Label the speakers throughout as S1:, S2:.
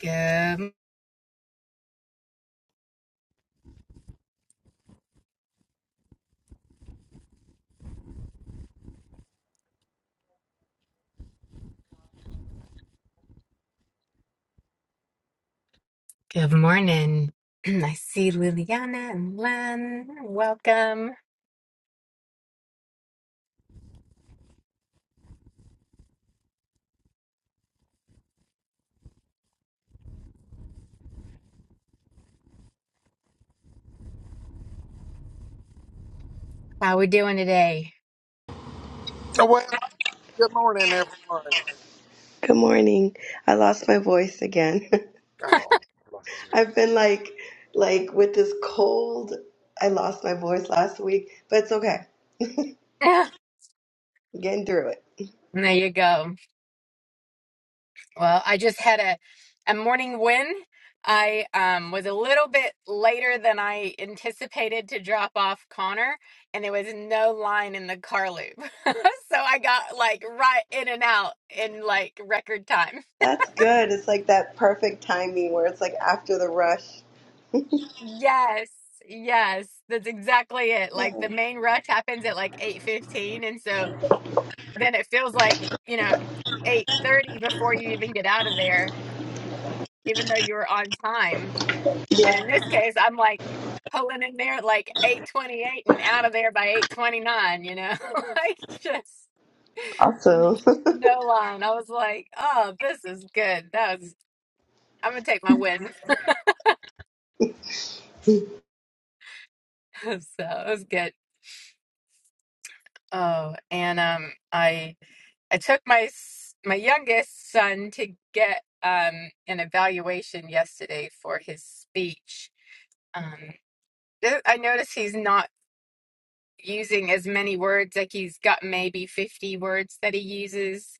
S1: Good, good morning. I see Liliana and Len. Welcome. How we doing today?
S2: Oh, Well, good morning, everyone.
S3: Good morning. I lost my voice again.
S2: Oh, bless you.
S3: I've been like like with this cold. I lost my voice last week, but it's okay.
S1: there
S3: I'm getting through it.
S1: you go. Well, I just had a a morning win. I um, was a little bit later than I anticipated to drop off Connor, and there was no line in the car loop, so I got like right in and out in like record time.
S3: That's good. It's like that perfect timing where it's like after the rush.
S1: Yes, yes, that's exactly it. Like the main rush happens at like 8:15 and so then it feels like, you know, 8:30 before you even get out of there even though you were on time. And in
S3: Yeah.
S1: this case, I'm like pulling in there at like 8:28 and out of there by 8:29, you know. Like just
S3: Awesome.
S1: no line. I was like, "Oh, this is good. That was I'm gonna take my win." So, it was good. Oh, and um I I took my s- my youngest son to get um, an evaluation yesterday for his speech. Um, th- I notice he's not using as many words. Like he's got maybe fifty words that he uses.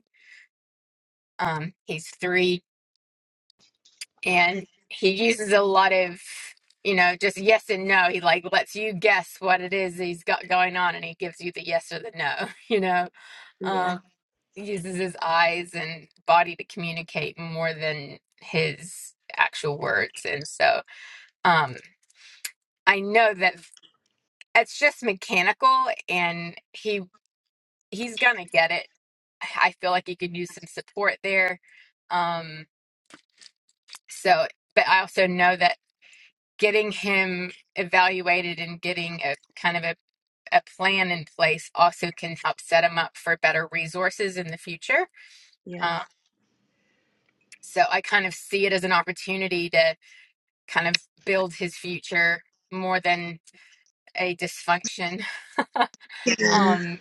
S1: Um, he's three, and he uses a lot of you know just yes and no. He like lets you guess what it is he's got going on, and he gives you the yes or the no. You know. Um,
S3: Yeah.
S1: uses his eyes and body to communicate more than his actual words and so um i know that it's just mechanical and he he's gonna get it i feel like he could use some support there um so but i also know that getting him evaluated and getting a kind of a, a plan in place also can help set him up for better resources in the future
S3: Yes.
S1: um, so I kind of see it as an opportunity to. kind of build his future more than a dysfunction.
S3: Yeah.
S1: Um,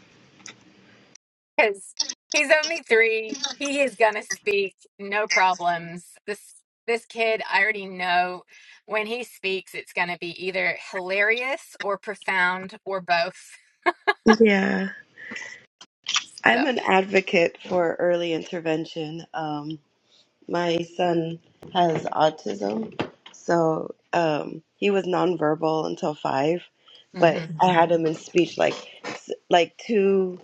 S1: because he's only three, he is gonna speak, no problems. This this kid, I already know when he speaks, it's gonna be either hilarious or profound or both.
S3: Yeah.
S1: So,
S3: I'm an advocate for early intervention. Um My son has autism, so um, he was nonverbal until five, but I
S1: mm-hmm,
S3: had him in speech like s- like two.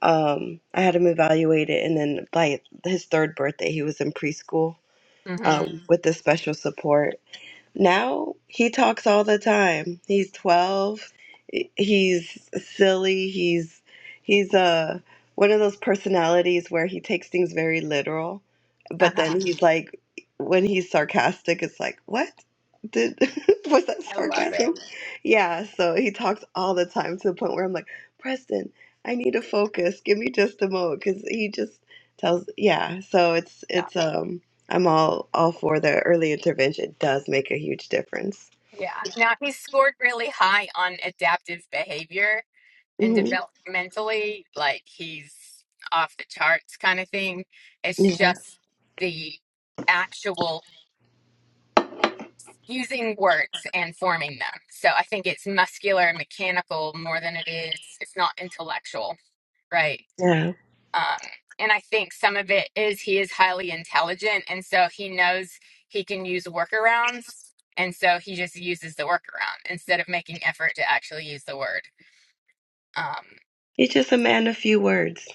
S3: Um, I had him evaluated, and then by his third birthday, he was in preschool
S1: mm-hmm,
S3: um, with the special support. Now he talks all the time. He's 12. He's silly. He's he's uh one of those personalities where he takes things very literal, but
S1: uh-huh.
S3: then he's like when he's sarcastic it's like, "What? Did was that
S1: I love it.
S3: sarcasm?" Yeah, so he talks all the time to the point where I'm like, "Preston, I need to focus. Give me just a moment cuz he just tells yeah, so it's
S1: Yeah,
S3: it's um I'm all all for the early intervention. It does make a huge difference.
S1: yeah. Now he scored really high on adaptive behavior and
S3: hmm
S1: developmentally, like he's off the charts kind of thing. It's
S3: Yeah,
S1: just the actual using words and forming them. So I think it's muscular and mechanical more than it is, it's not intellectual, right?
S3: yeah.
S1: Um, and I think some of it is he is highly intelligent. And so he knows he can use workarounds. And so he just uses the workaround instead of making effort to actually use the word. Um,
S3: He's just a man of few words.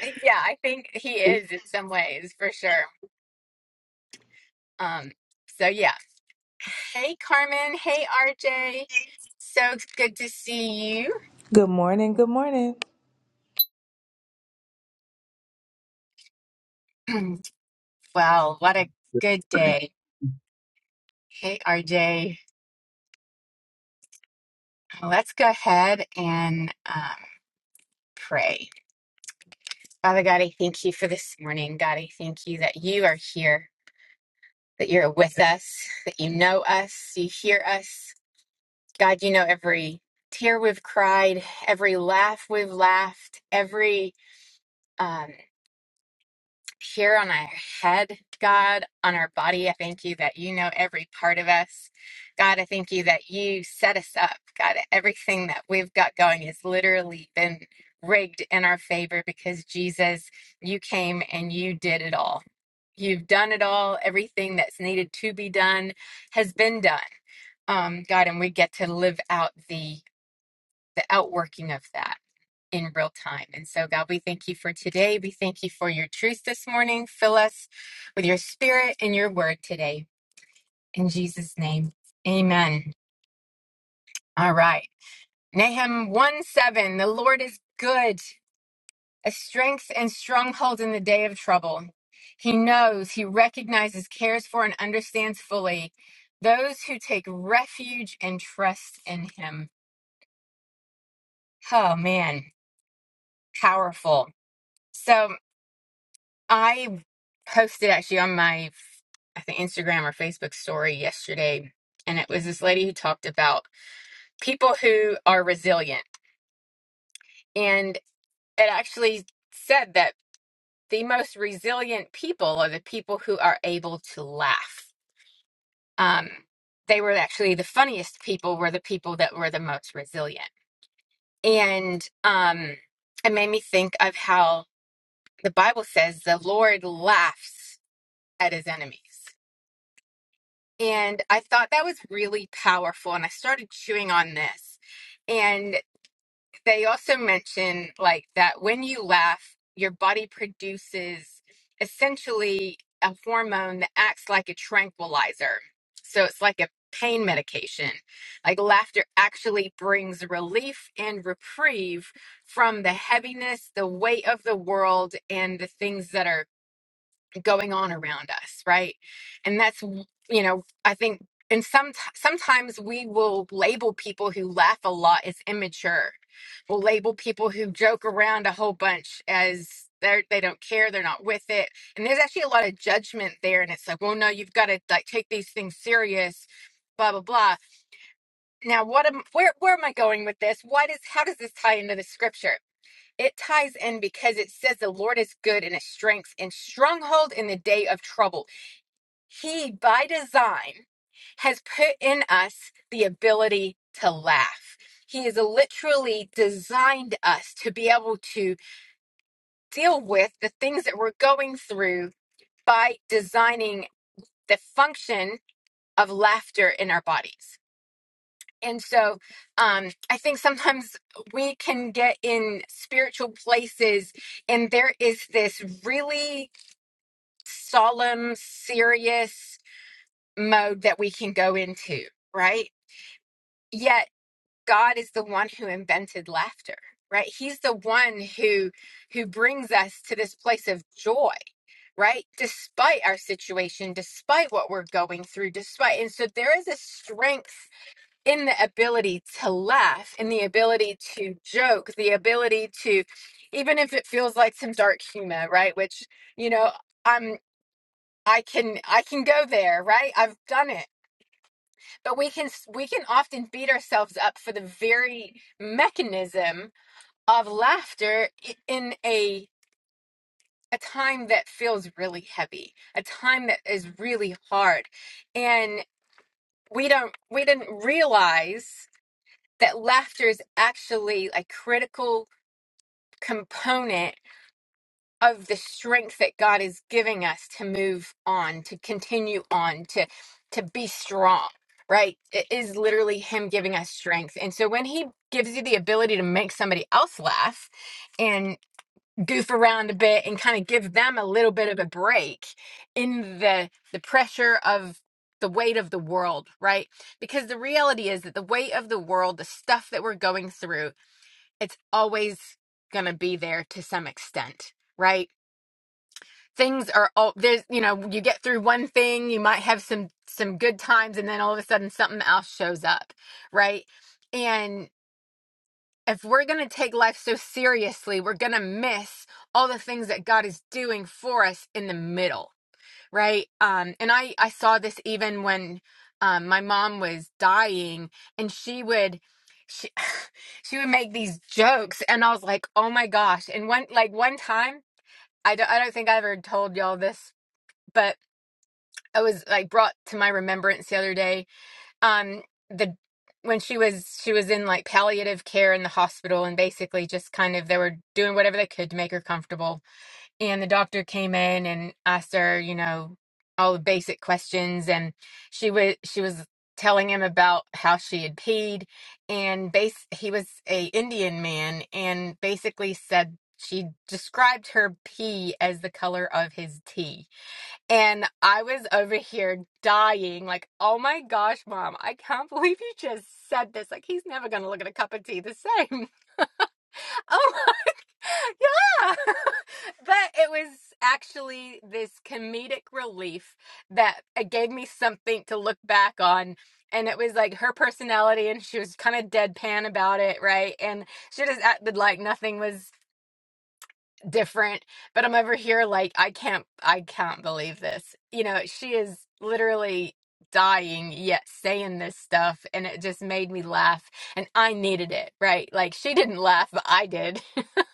S1: Eh, Yeah, I think he
S3: A
S1: is in some ways for sure. Um, so yeah. Hey Carmen, hey RJ. So good to see
S4: Good morning. Good morning.
S1: you. Well, what a good
S5: Morning.
S1: day. Hey RJ, let's go ahead and um, pray. Father God, I thank you for this morning. God, I thank you that you are here, that you're with us, that you know us, you hear us. God, you know every tear we've cried, every laugh we've laughed, every um, here on our head, God, on our body. I thank you that you know every part of us. God, I thank you that you set us up. God, everything that we've got going has literally been rigged in our favor because Jesus, you came and you did it all. You've done it all. Everything that's needed to be done has been done um, God, and we get to live out the the outworking of that in real time. And so, God, we thank you for today. We thank you for your truth this morning. Fill us with your spirit and your word today. In Jesus' name, amen. All right. Nahum 1 7 The Lord is good, a strength and stronghold in the day of trouble. He knows, he recognizes, cares for, and understands fully those who take refuge and trust in him. Oh, man, powerful. So, I posted actually on my, I think Instagram or Facebook story yesterday, and it was this lady who talked about people who are resilient, and it actually said that the most resilient people are the people who are able to laugh. Um, they were actually the funniest people were the people that were the most resilient, and um, it made me think of how the Bible says the Lord laughs at his enemies And I thought that was really powerful. And I started chewing on this. And they also mention like that when you laugh, your body produces essentially a hormone that acts like a tranquilizer. So it's like a pain medication. Like laughter actually brings relief and reprieve from the heaviness, the weight of the world, and the things that are going on around us right and that's you know i think and some sometimes we will label people who laugh a lot as immature we'll label people who joke around a whole bunch as they're they don't care they're not with it and there's actually a lot of judgment there and it's like well no you've got to like take these things serious blah blah blah now what am where where am i going with this why does how does this tie into the scripture it ties in because it says the Lord is good and his strength and stronghold in the day of trouble. He, by design, has put in us the ability to laugh. He has literally designed us to be able to deal with the things that we're going through by designing the function of laughter in our bodies. And so um, I think sometimes we can get in spiritual places, and there is this really solemn, serious mode that we can go into, right? Yet God is the one who invented laughter right he's the one who who brings us to this place of joy right despite our situation despite what we're going through despite and so there is a strength in the ability to laugh, in the ability to joke, the ability to, even if it feels like some dark humor, right? Which, you know, I'm, I can, I can go there, right? I've done it. But we can, s- we can often beat ourselves up for the very mechanism of laughter i- in a, a time that feels really heavy, a time that is really hard. And we don't, we didn't realize that laughter is actually a critical component of the strength that God is giving us to move on, to continue on, to to be strong, right? It is literally him giving us strength. And so when he gives you the ability to make somebody else laugh and goof around a bit and kind of give them a little bit of a break in the the pressure of the weight of the world, right? Because the reality is that the weight of the world, the stuff that we're going through, it's always going to be there to some extent, right? Things are all there's, you know, you get through one thing, you might have some some good times and then all of a sudden something else shows up, right? And if we're going to take life so seriously, we're going to miss all the things that God is doing for us in the middle right um and i i saw this even when um my mom was dying and she would she she would make these jokes and i was like oh my gosh and one like one time i don't i don't think i ever told y'all this but i was like brought to my remembrance the other day um the when she was she was in like palliative care in the hospital and basically just kind of they were doing whatever they could to make her comfortable and the doctor came in and asked her, you know, all the basic questions and she was she was telling him about how she had peed and base he was a Indian man and basically said she described her pee as the color of his tea. And I was over here dying, like, oh my gosh, mom, I can't believe you just said this. Like, he's never going to look at a cup of tea the same. Oh. Yeah. but it was actually this comedic relief that it gave me something to look back on. And it was like her personality, and she was kind of deadpan about it, right? And she just acted like nothing was different. But I'm over here like, I can't, I can't believe this. You know, she is literally dying yet saying this stuff. And it just made me laugh. And I needed it, right? Like, she didn't laugh, but I did.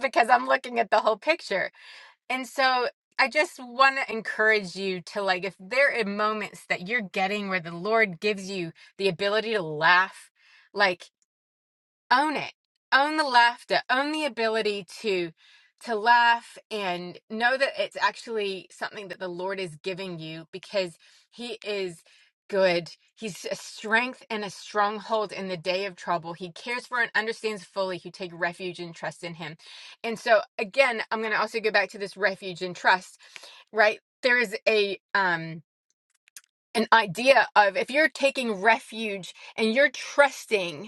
S1: because I'm looking at the whole picture. And so I just want to encourage you to like, if there are moments that you're getting where the Lord gives you the ability to laugh, like own it own the laughter own the ability to to laugh and know that it's actually something that the lord is giving you because he is good he's a strength and a stronghold in the day of trouble he cares for and understands fully who take refuge and trust in him and so again i'm going to also go back to this refuge and trust right there is a um an idea of if you're taking refuge and you're trusting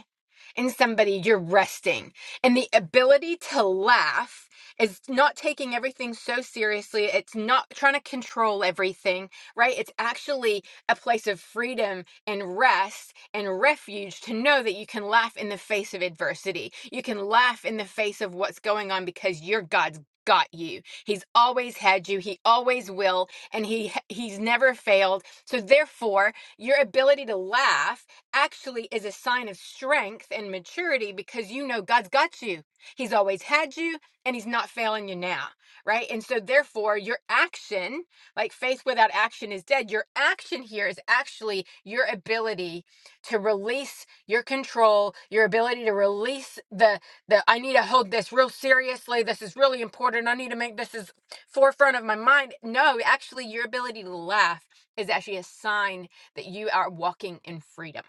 S1: in somebody, you're resting. And the ability to laugh is not taking everything so seriously. It's not trying to control everything, right? It's actually a place of freedom and rest and refuge to know that you can laugh in the face of adversity. You can laugh in the face of what's going on because your God's got you. He's always had you. He always will and he he's never failed. So therefore, your ability to laugh actually is a sign of strength and maturity because you know God's got you. He's always had you and he's not failing you now, right? And so therefore your action, like faith without action is dead, your action here is actually your ability to release your control, your ability to release the the I need to hold this real seriously. This is really important. I need to make this is forefront of my mind. No, actually your ability to laugh is actually a sign that you are walking in freedom.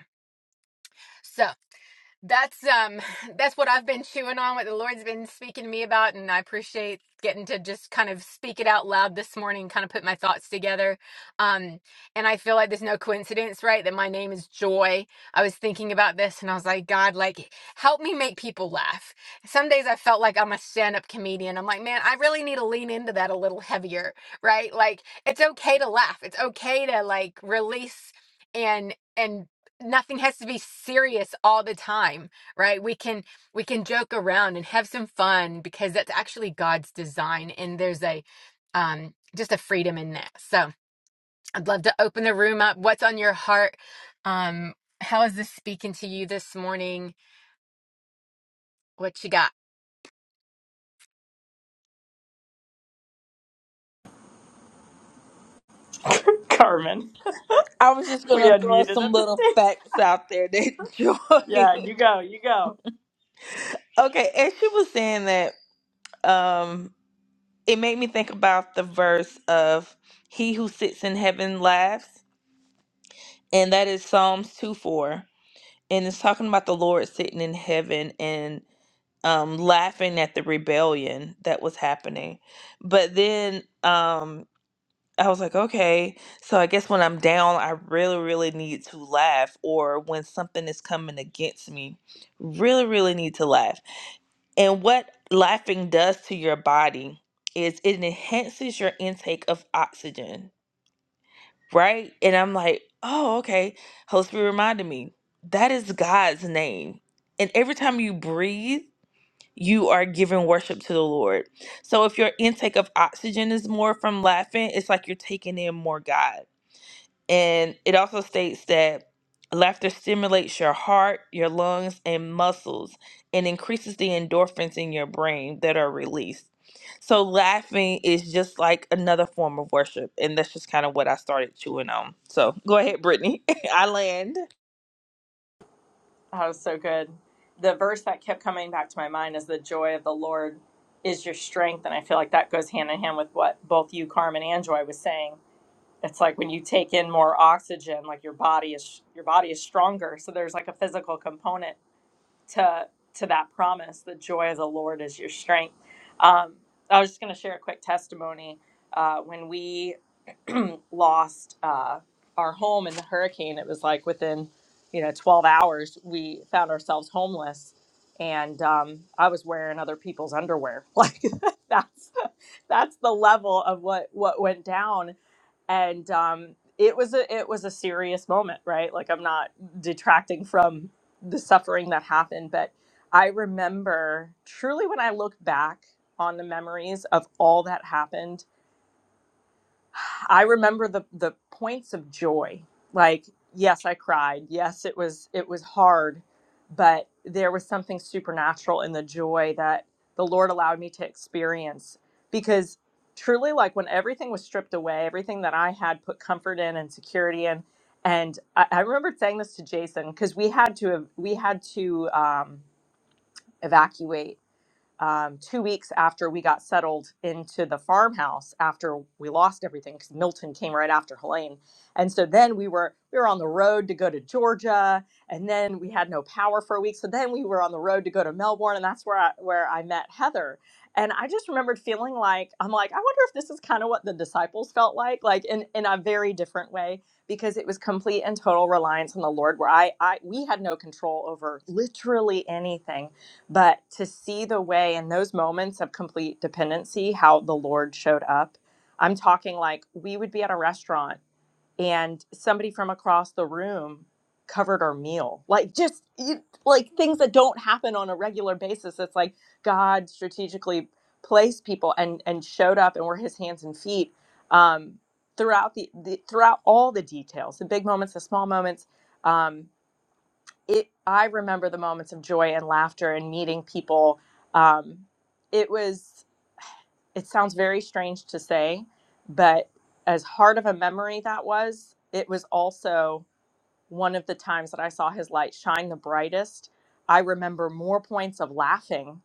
S1: So that's um that's what I've been chewing on, what the Lord's been speaking to me about, and I appreciate getting to just kind of speak it out loud this morning, kind of put my thoughts together. Um, and I feel like there's no coincidence, right? That my name is Joy. I was thinking about this and I was like, God, like help me make people laugh. Some days I felt like I'm a stand-up comedian. I'm like, man, I really need to lean into that a little heavier, right? Like it's okay to laugh. It's okay to like release and and nothing has to be serious all the time right we can we can joke around and have some fun because that's actually god's design and there's a um just a freedom in that so i'd love to open the room up what's on your heart um how is this speaking to you this morning what you got
S6: Carmen.
S4: I was just
S6: We
S4: gonna throw
S6: unmuted
S4: some
S6: at the
S4: little
S6: same time.
S4: facts out there that Joy.
S6: Yeah, you go, you go.
S4: okay, as she was saying that, um, it made me think about the verse of "He who sits in heaven laughs," and that is Psalms two four, and it's talking about the Lord sitting in heaven and um, laughing at the rebellion that was happening. But then, um, I was like, okay. So I guess when I'm down, I really, really need to laugh. Or when something is coming against me, really, really need to laugh. And what laughing does to your body is it enhances your intake of oxygen, right? And I'm like, oh, okay. Holy Spirit reminded me that is God's name. And every time you breathe, you are giving worship to the Lord. So if your intake of oxygen is more from laughing, it's like you're taking in more God and it also states that laughter stimulates your heart, your lungs, and muscles and increases the endorphins in your brain that are released. So, laughing is just like another form of worship. And that's just kind of what I started chewing on. So, go ahead, Brittany. I land.
S6: That was so good. The verse that kept coming back to my mind is the joy of the Lord is your strength. And I feel like that goes hand in hand with what both you, Carmen, and Joy was saying. It's like when you take in more oxygen, like your body is your body is stronger. So there's like a physical component to to that promise. The joy of the Lord is your strength. Um, I was just going to share a quick testimony uh, when we lost uh, our home in the hurricane. It was like within, you know, 12 hours, we found ourselves homeless. And um, I was wearing other people's underwear. Like that's that's the level of what what went down. And um, it was a it was a serious moment, right? Like I'm not detracting from the suffering that happened, but I remember truly when I look back on the memories of all that happened I remember the the points of joy. Like, yes, I cried. Yes, it was it was hard, but there was something supernatural in the joy that the Lord allowed me to experience because truly like when everything was stripped away, everything that I had put comfort in and security in and I, I remember saying this to Jason because we had to we had to um, evacuate um, two weeks after we got settled into the farmhouse after we lost everything because milton came right after helene and so then we were we were on the road to go to georgia and then we had no power for a week so then we were on the road to go to melbourne and that's where i where i met heather and i just remembered feeling like i'm like i wonder if this is kind of what the disciples felt like like in in a very different way because it was complete and total reliance on the lord where i i we had no control over literally anything but to see the way in those moments of complete dependency how the lord showed up i'm talking like we would be at a restaurant and somebody from across the room covered our meal like just you, like things that don't happen on a regular basis it's like god strategically placed people and and showed up and were his hands and feet um throughout the, the throughout all the details the big moments the small moments Um, it i remember the moments of joy and laughter and meeting people um, it was it sounds very strange to say but as hard of a memory that was it was also one of the times that i saw his light shine the brightest i remember more points of laughing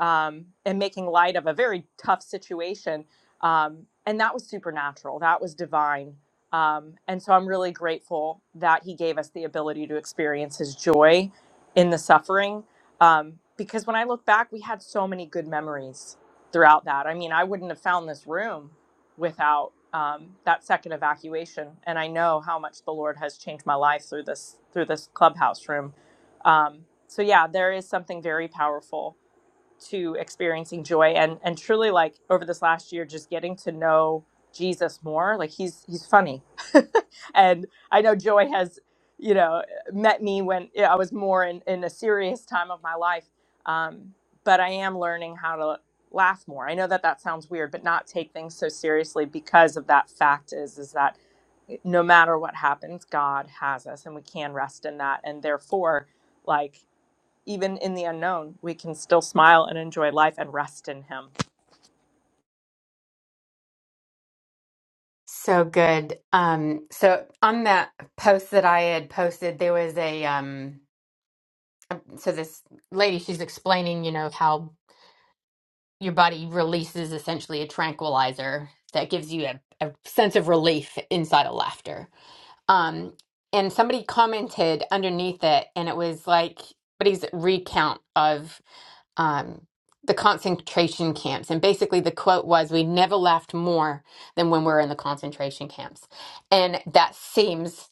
S6: um, and making light of a very tough situation. Um, and that was supernatural, that was divine. Um, and so I'm really grateful that he gave us the ability to experience his joy in the suffering. Um, because when I look back, we had so many good memories throughout that. I mean, I wouldn't have found this room without um, that second evacuation. And I know how much the Lord has changed my life through this through this clubhouse room. Um, so yeah, there is something very powerful to experiencing joy and and truly like over this last year just getting to know Jesus more like he's he's funny and I know joy has you know met me when yeah, I was more in in a serious time of my life um but I am learning how to laugh more I know that that sounds weird but not take things so seriously because of that fact is is that no matter what happens God has us and we can rest in that and therefore like even in the unknown, we can still smile and enjoy life and rest in Him.
S1: So good. Um, so on that post that I had posted, there was a um, so this lady, she's explaining, you know, how your body releases essentially a tranquilizer that gives you a, a sense of relief inside of laughter. Um, and somebody commented underneath it, and it was like somebody's recount of um, the concentration camps. And basically, the quote was, We never laughed more than when we were in the concentration camps. And that seems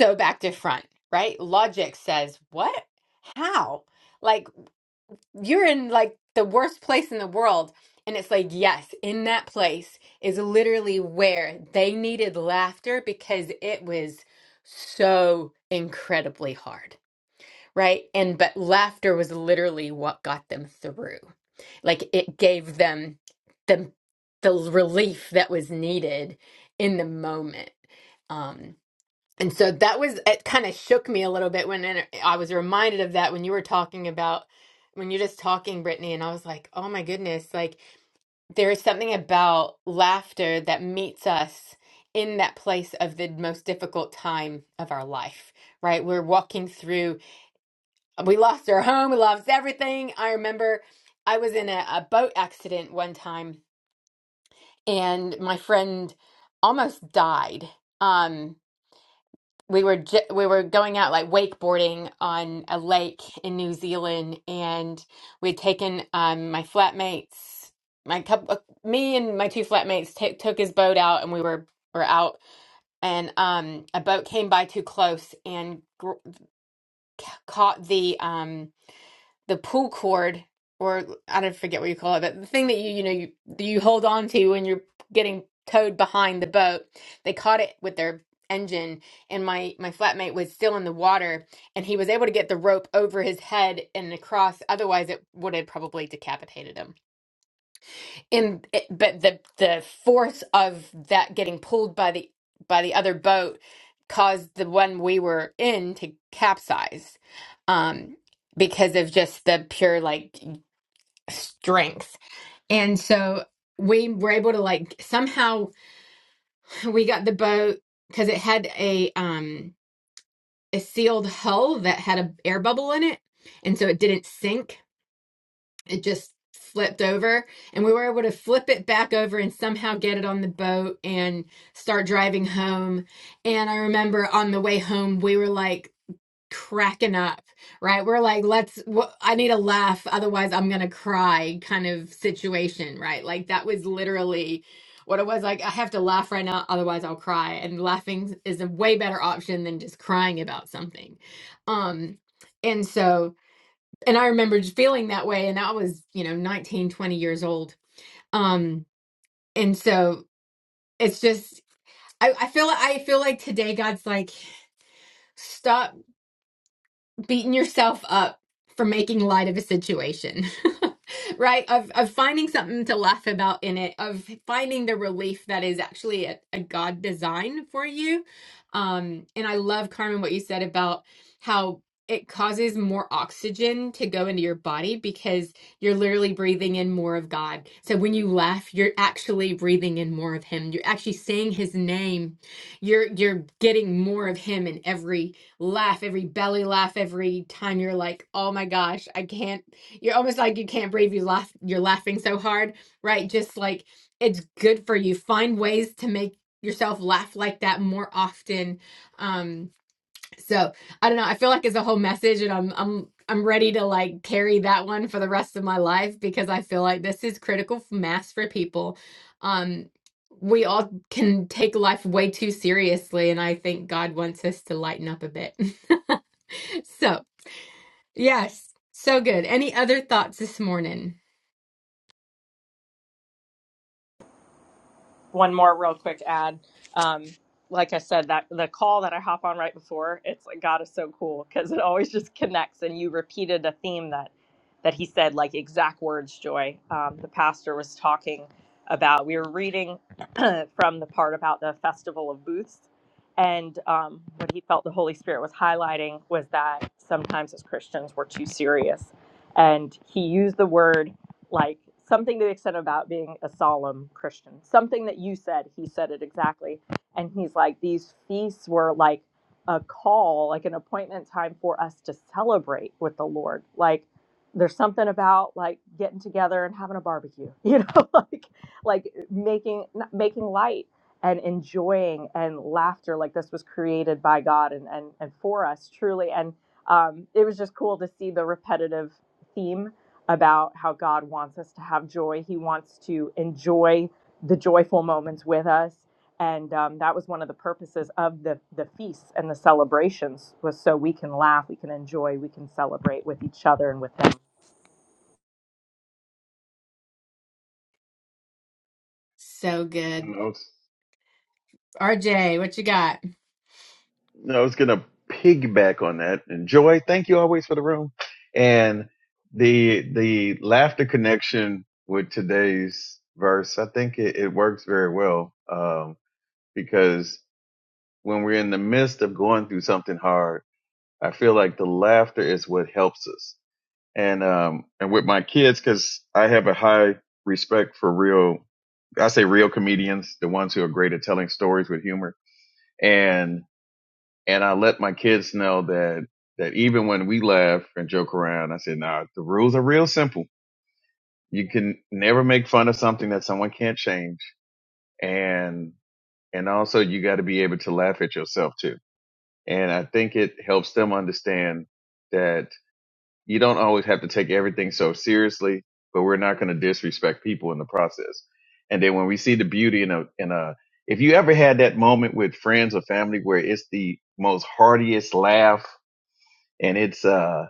S1: so back to front, right? Logic says, What? How? Like?" you're in like the worst place in the world. And it's like, yes, in that place is literally where they needed laughter because it was so incredibly hard, right? And but laughter was literally what got them through. Like it gave them the the relief that was needed in the moment. Um, and so that was, it kind of shook me a little bit when it- I was reminded of that when you were talking about, when you're just talking, Brittany. And I was like, oh my goodness, like there is something about laughter that meets us in that place of the most difficult time of our life, right? We're walking through, we lost our home, we lost everything. I remember I was in a, a boat accident one time and my friend almost died. Um, we were ju- we were going out like wakeboarding on a lake in New Zealand, and we had taken um, my flatmates, my couple, me and my two flatmates t- took his boat out, and we were were out, and um, a boat came by too close and gr- ca- caught the um the pull cord or I don't forget what you call it, but the thing that you you know you you hold on to when you're getting towed behind the boat. They caught it with their engine and my my flatmate was still in the water and he was able to get the rope over his head and across otherwise it would have probably decapitated him And it, but the the force of that getting pulled by the by the other boat caused the one we were in to capsize um because of just the pure like strength. And so we were able to like somehow we got the boat because it had a um a sealed hull that had a air bubble in it, and so it didn't sink. It just flipped over and we were able to flip it back over and somehow get it on the boat and start driving home and i remember on the way home we were like cracking up, right? We're like, let's, wh- I need a laugh, otherwise I'm going to cry kind of situation, right? Like that was literally what it was like. I have to laugh right now, otherwise I'll cry. And laughing is a way better option than just crying about something. Um, and so, and I remember just feeling that way. And I was, you know, 19, 20 years old. Um, and so it's just, I, I feel, I feel like today God's like, stop beating yourself up for making light of a situation, right? Of, of finding something to laugh about in it, of finding the relief that is actually a, a God design for you. Um, and I love, Carmen, what you said about how it causes more oxygen to go into your body because you're literally breathing in more of God. So when you laugh, you're actually breathing in more of Him. You're actually saying His name. You're you're getting more of Him in every laugh, every belly laugh, every time you're like, oh my gosh, I can't, you're almost like you can't breathe. You laugh, you're laughing so hard, right? Just like it's good for you. Find ways to make yourself laugh like that more often. Um, so I don't know. I feel like it's a whole message, and I'm I'm I'm ready to like carry that one for the rest of my life because I feel like this is critical f- mass for people. Um, we all can take life way too seriously, and I think God wants us to lighten up a bit. so yes, so good. Any other thoughts this morning?
S6: one more real quick ad. Um, like I said, that the call that I hop on right before, it's like God is so cool because it always just connects. And you repeated a theme that that he said, like exact words, Joy. Um, the pastor was talking about. We were reading from the part about the festival of booths, and um, what he felt the Holy Spirit was highlighting was that sometimes as Christians we're too serious, and he used the word like something to the extent about being a solemn Christian. Something that you said, he said it exactly. And he's like, these feasts were like a call, like an appointment time for us to celebrate with the Lord. Like there's something about like getting together and having a barbecue, you know, like like making not- making light and enjoying and laughter like this was created by God and and, and for us truly. And um, it was just cool to see the repetitive theme about how God wants us to have joy. He wants to enjoy the joyful moments with us. And um, that was one of the purposes of the, the feasts and the celebrations was so we can laugh, we can enjoy, we can celebrate with each other and with them.
S1: So
S5: And
S1: good.
S5: I was,
S1: RJ, what you got?
S5: I was going to piggyback on that. And Joy, thank you always for the room and the the laughter connection with today's verse. I think it, it works very well um, because when we're in the midst of going through something hard, I feel like the laughter is what helps us. And um, and with my kids, because I have a high respect for real I say real comedians, the ones who are great at telling stories with humor. and and I let my kids know that that even when we laugh and joke around, I said, "Nah, the rules are real simple. You can never make fun of something that someone can't change, and and also you got to be able to laugh at yourself too." And I think it helps them understand that you don't always have to take everything so seriously, but we're not going to disrespect people in the process. And then when we see the beauty in a in a if you ever had that moment with friends or family where it's the most heartiest laugh and it's uh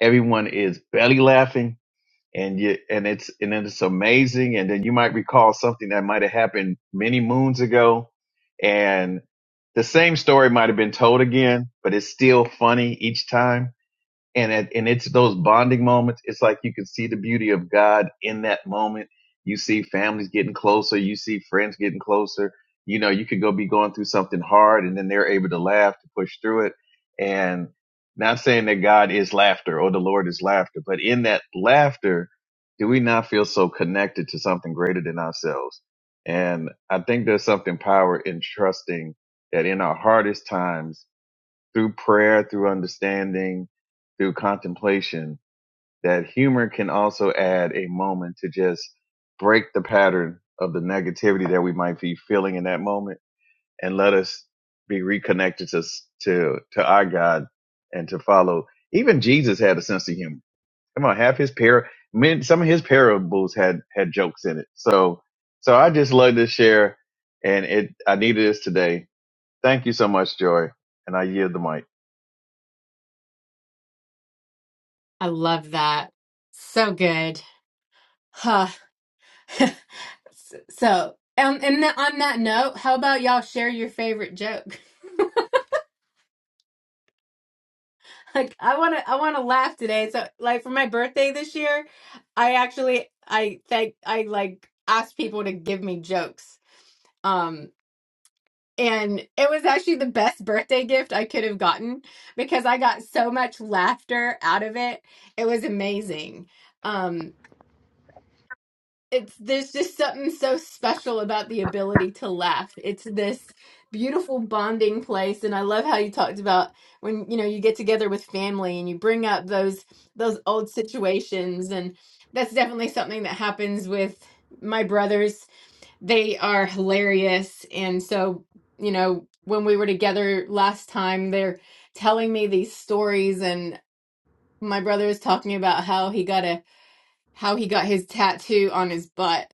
S5: everyone is belly laughing and you and it's and then it's amazing and then you might recall something that might have happened many moons ago and the same story might have been told again but it's still funny each time and it, and it's those bonding moments. It's like you can see the beauty of God in that moment. You see families getting closer. You see friends getting closer. You know, you could go be going through something hard, and then they're able to laugh to push through it. And not saying that God is laughter or the Lord is laughter, but in that laughter, do we not feel so connected to something greater than ourselves? And I think there's something power in trusting that in our hardest times through prayer, through understanding, through contemplation, that humor can also add a moment to just break the pattern of the negativity that we might be feeling in that moment and let us be reconnected to, to, to our God and to follow. Even Jesus had a sense of humor. Come on, half his par, men, some of his parables had, had jokes in it. So, so I just love to share and it, I needed this today. Thank you so much, Joy. And I yield the mic.
S1: I love that. So good. so, um, and th- on that note, how about y'all share your favorite joke? like, I want to, I want to laugh today. So, like for my birthday this year, I actually, I thank, I like asked people to give me jokes. Um, and it was actually the best birthday gift I could have gotten because I got so much laughter out of it. It was amazing. Um, it's there's just something so special about the ability to laugh. It's this beautiful bonding place and I love how you talked about when you know you get together with family and you bring up those those old situations and that's definitely something that happens with my brothers. They are hilarious and so you know when we were together last time they're telling me these stories and my brother was talking about how he got a how he got his tattoo on his butt.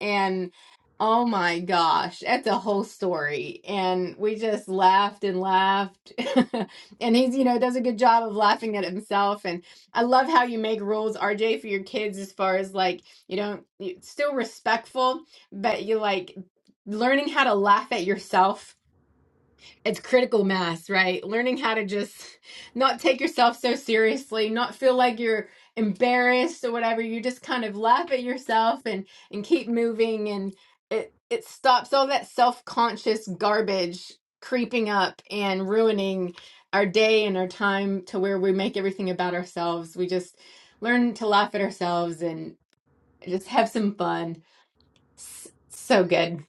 S1: And oh my gosh, that's a whole story. And we just laughed and laughed. and he's, you know, does a good job of laughing at himself. And I love how you make rules, RJ, for your kids as far as like, you don't, you- still respectful, but you like learning how to laugh at yourself it's critical mass, right? Learning how to just not take yourself so seriously, not feel like you're embarrassed or whatever. You just kind of laugh at yourself and and keep moving and it it stops all that self-conscious garbage creeping up and ruining our day and our time to where we make everything about ourselves. We just learn to laugh at ourselves and just have some fun. S- So good.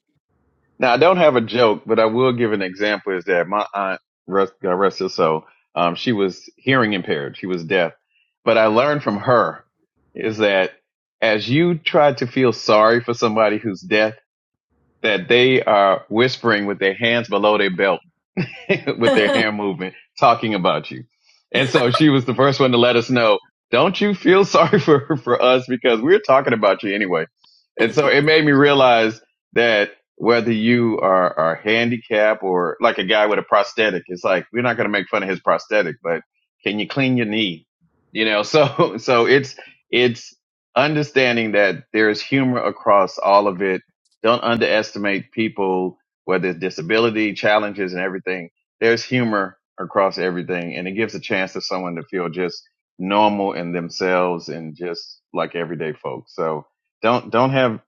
S5: Now, I don't have a joke, but I will give an example is that my aunt, rest, God rest her soul, um, she was hearing impaired. She was deaf. But I learned from her is that as you try to feel sorry for somebody who's deaf, that they are whispering with their hands below their belt with their hair movement talking about you. And so she was the first one to let us know, don't you feel sorry for, for us because we're talking about you anyway. And so it made me realize that whether you are, are handicapped or like a guy with a prosthetic, it's like, we're not going to make fun of his prosthetic, but can you clean your knee? You know, so, so it's, it's understanding that there's humor across all of it. Don't underestimate people whether it's disability challenges and everything there's humor across everything and it gives a chance to someone to feel just normal in themselves and just like everyday folks so don't don't have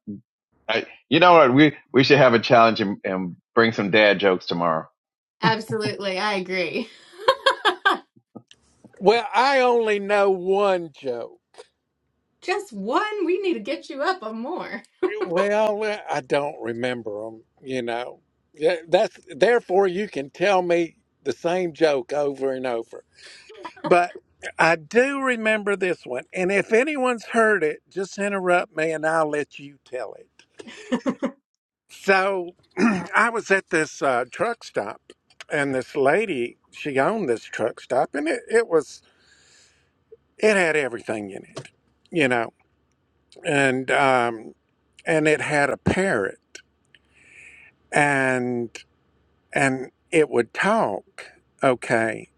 S5: I, you know what we we should have a challenge and, and bring some dad jokes tomorrow
S1: Absolutely, I agree.
S2: Well, I only know one joke.
S1: Just one? We need to get you up on more.
S2: Well, eh, I don't remember them. You know, Yeah, that's therefore you can tell me the same joke over and over. But I do remember this one, and if anyone's heard it, just interrupt me, and I'll let you tell it. So, I was at this uh, truck stop, and this lady she owned this truck stop, and it, it was It had everything in it, you know, and um, and it had a parrot, and and it would talk, okay.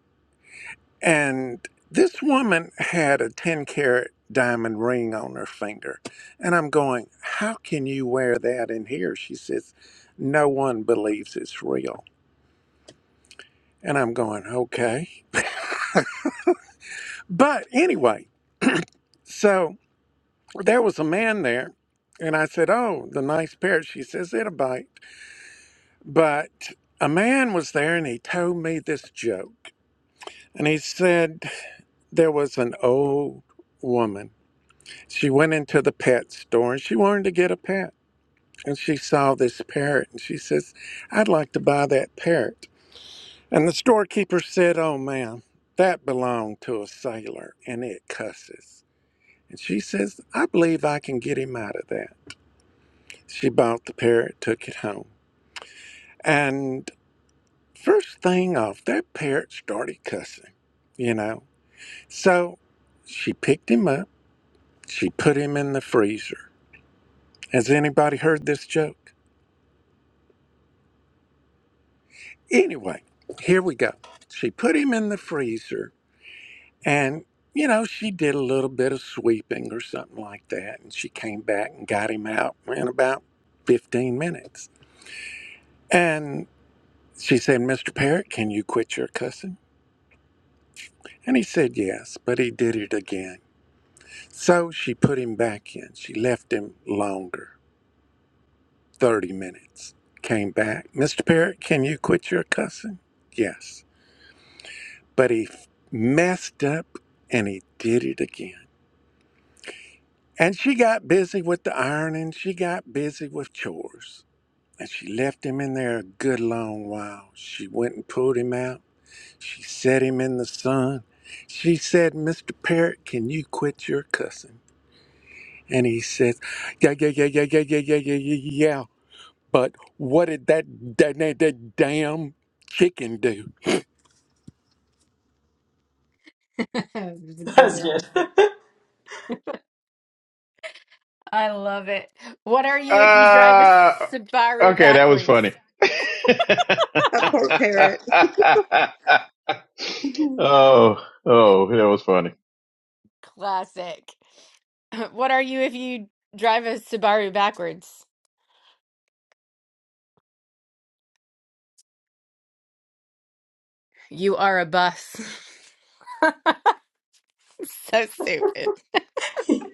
S2: And this woman had a ten carat diamond ring on her finger, and I'm going, how can you wear that in here? She says, no one believes it's real, and I'm going, okay. But anyway, so there was a man there, and I said, oh, the nice parrot. She says, it'll bite. But a man was there and he told me this joke. And he said there was an old woman. She went into the pet store and she wanted to get a pet. And she saw this parrot and she says, I'd like to buy that parrot. And the storekeeper said, Oh, ma'am, that belonged to a sailor and it cusses. And she says, I believe I can get him out of that. She bought the parrot, took it home. And First thing off, that parrot started cussing, you know. So she picked him up, she put him in the freezer. Has anybody heard this joke? Anyway, here we go. She put him in the freezer and, you know, she did a little bit of sweeping or something like that. And she came back and got him out in about 15 minutes. And she said, Mr. Parrot, can you quit your cussing? And he said, yes, but he did it again. So she put him back in. She left him longer, 30 minutes. Came back. Mr. Parrott, can you quit your cussing? Yes. But he f- messed up and he did it again. And she got busy with the ironing. She got busy with chores. And she left him in there a good long while. She went and pulled him out. She set him in the sun. She said, Mr. Parrott, can you quit your cussing? And he says, yeah, yeah, yeah, yeah, yeah, yeah, yeah, yeah, yeah. yeah. But what did that, that, that, that damn chicken do?
S1: It's a good
S6: That's good.
S1: one. I love it. What are you if you drive a
S5: Uh,
S1: Subaru
S5: okay, that was
S1: backwards?
S5: funny.
S3: poor parrot. Mhm.
S5: oh, oh, that was funny.
S1: Classic. What are you if you drive a Subaru backwards? You are a bus. So stupid.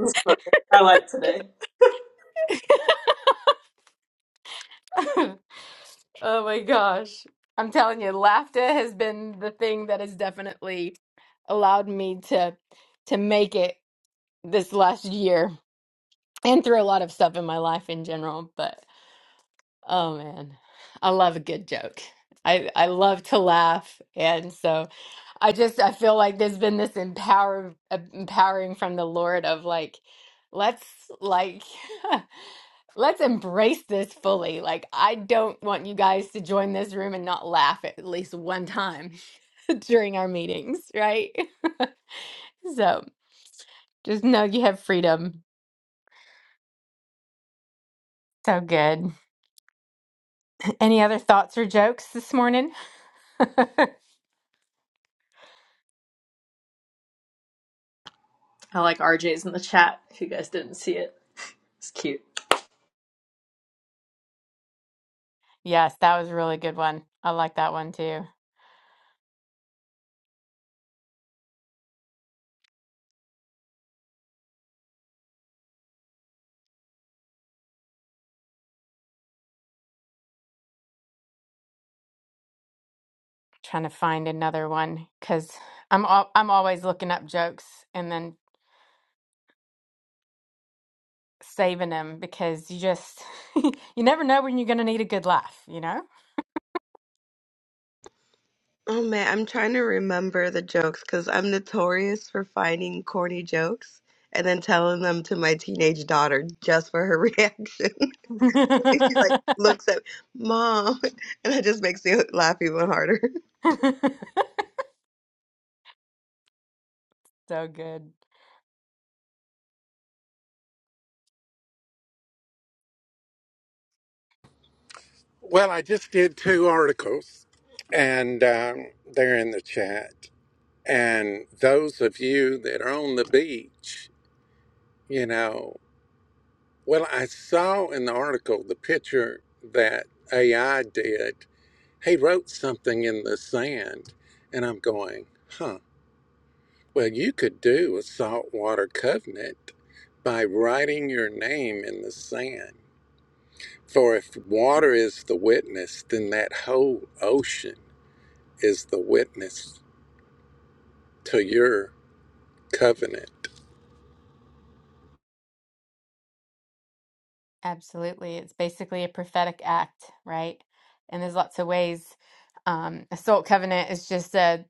S6: It's fun. I like today.
S1: Oh my gosh. I'm telling you, laughter has been the thing that has definitely allowed me to to make it this last year. and through a lot of stuff in my life in general but oh man i love a good joke i i love to laugh and so i just i feel like there's been this empower uh, empowering from the lord of like let's like let's embrace this fully like i don't want you guys to join this room and not laugh at least one time during our meetings right so just know you have freedom so good any other thoughts or jokes this morning
S6: I like RJ's in the chat. If you guys didn't see it, it's cute.
S1: Yes, that was a really good one. I like that one too. Trying to find another one because I'm al I'm always looking up jokes and then saving them because you just you never know when you're going to need a good laugh, you know?
S3: Oh man, I'm trying to remember the jokes because I'm notorious for finding corny jokes and then telling them to my teenage daughter just for her reaction. she like looks at mom, and that just makes me laugh even harder.
S1: So good.
S2: Well, I just did two articles, and um, they're in the chat. And those of you that are on the beach, you know, well, I saw in the article the picture that AI did. He wrote something in the sand, and I'm going, huh, well, you could do a saltwater covenant by writing your name in the sand. For if water is the witness, then that whole ocean is the witness to your covenant.
S1: Absolutely. It's basically a prophetic act, right? And there's lots of ways. Um, Assault Covenant is just a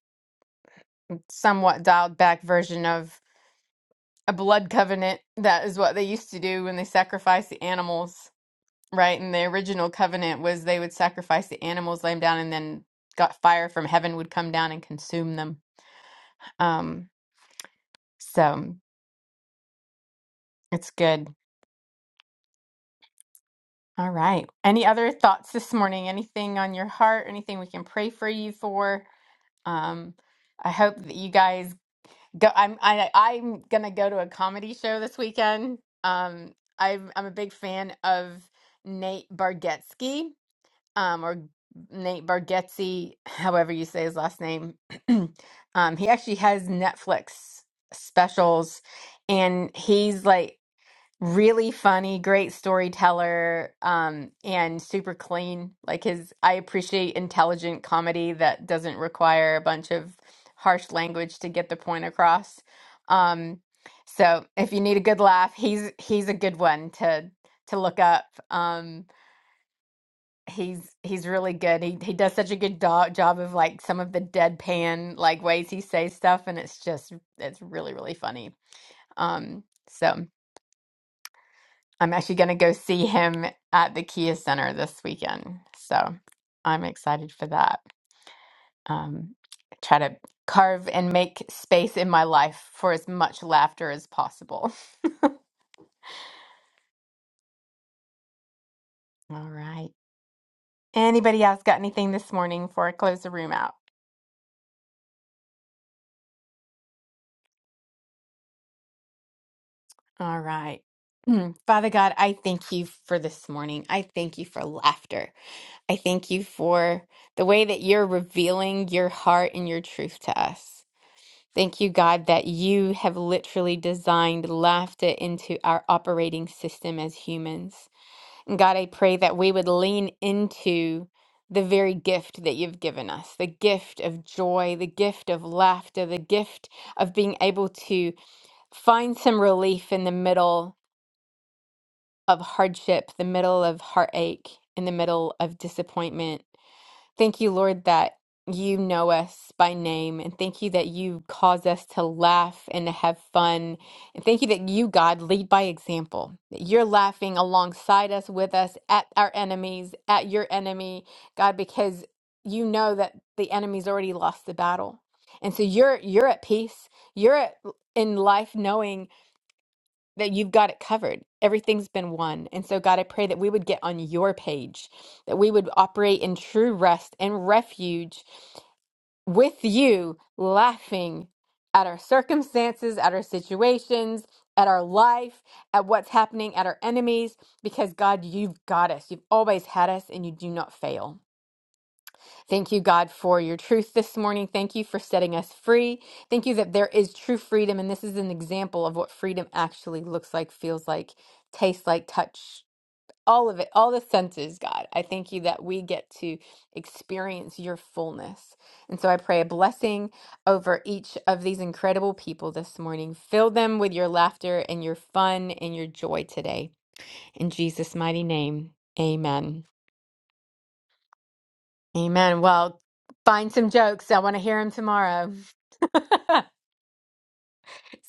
S1: somewhat dialed back version a blood covenant. That is what they used to do when they sacrificed the animals, right? And the original covenant was they would sacrifice the animals, lay them down, and then got fire from heaven would come down and consume them. Um, so it's good. All right. Any other thoughts this morning? Anything on your heart? Anything we can pray for you for? Um, I hope that you guys go. I'm I, I'm gonna go to a comedy show this weekend. Um, I'm I'm a big fan of Nate Bargatze um, or Nate Bargatze, however you say his last name. um, he actually has Netflix specials, and he's like really funny, great storyteller, um, and super clean. Like his, I appreciate intelligent comedy that doesn't require a bunch of harsh language to get the point across. Um, so if you need a good laugh, he's he's a good one to to look up. Um, He's he's really good. He he does such a good do job of like some of the deadpan like ways he says stuff, and it's just it's really really funny. Um, so I'm actually gonna go see him at the Kia Center this weekend. So I'm excited for that. Um, try to carve and make space in my life for as much laughter as possible. All right. Anybody else got anything this morning before I close the room out? All right. Mm. Father God, I thank you for this morning. I thank you for laughter. I thank you for the way that you're revealing your heart and your truth to us. Thank you, God, that you have literally designed laughter into our operating system as humans. And God, I pray that we would lean into the very gift that you've given us the gift of joy, the gift of laughter, the gift of being able to find some relief in the middle of hardship, the middle of heartache, in the middle of disappointment. Thank you, Lord, that you know us by name. And thank you that you cause us to laugh and to have fun. And thank you that you, God, lead by example. That you're laughing alongside us, with us, at our enemies, at your enemy, God, because you know that the enemy's already lost the battle. And so you're you're at peace. You're at, in life knowing that you've got it covered. Everything's been won. And so, God, I pray that we would get on your page, that we would operate in true rest and refuge with you, laughing at our circumstances, at our situations, at our life, at what's happening, at our enemies, because God, you've got us. You've always had us, and you do not fail. Thank you, God, for your truth this morning. Thank you for setting us free. Thank you that there is true freedom. And this is an example of what freedom actually looks like, feels like, tastes like, touch, all of it, all the senses, God. I thank you that we get to experience your fullness. And so I pray a blessing over each of these incredible people this morning. Fill them with your laughter and your fun and your joy today. In Jesus' mighty name, amen. Amen. Well, find some jokes. I want to hear them tomorrow.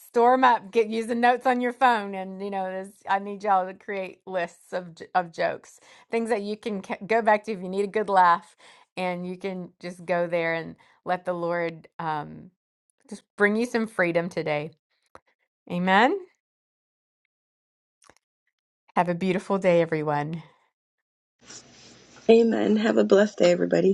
S1: Store them up. Get use the notes on your phone, and you know, this, I need y'all to create lists of j- of jokes, things that you can ca- go back to if you need a good laugh, and you can just go there and let the Lord um, just bring you some freedom today. Amen. Have a beautiful day, everyone.
S3: Amen. Have a blessed day, everybody.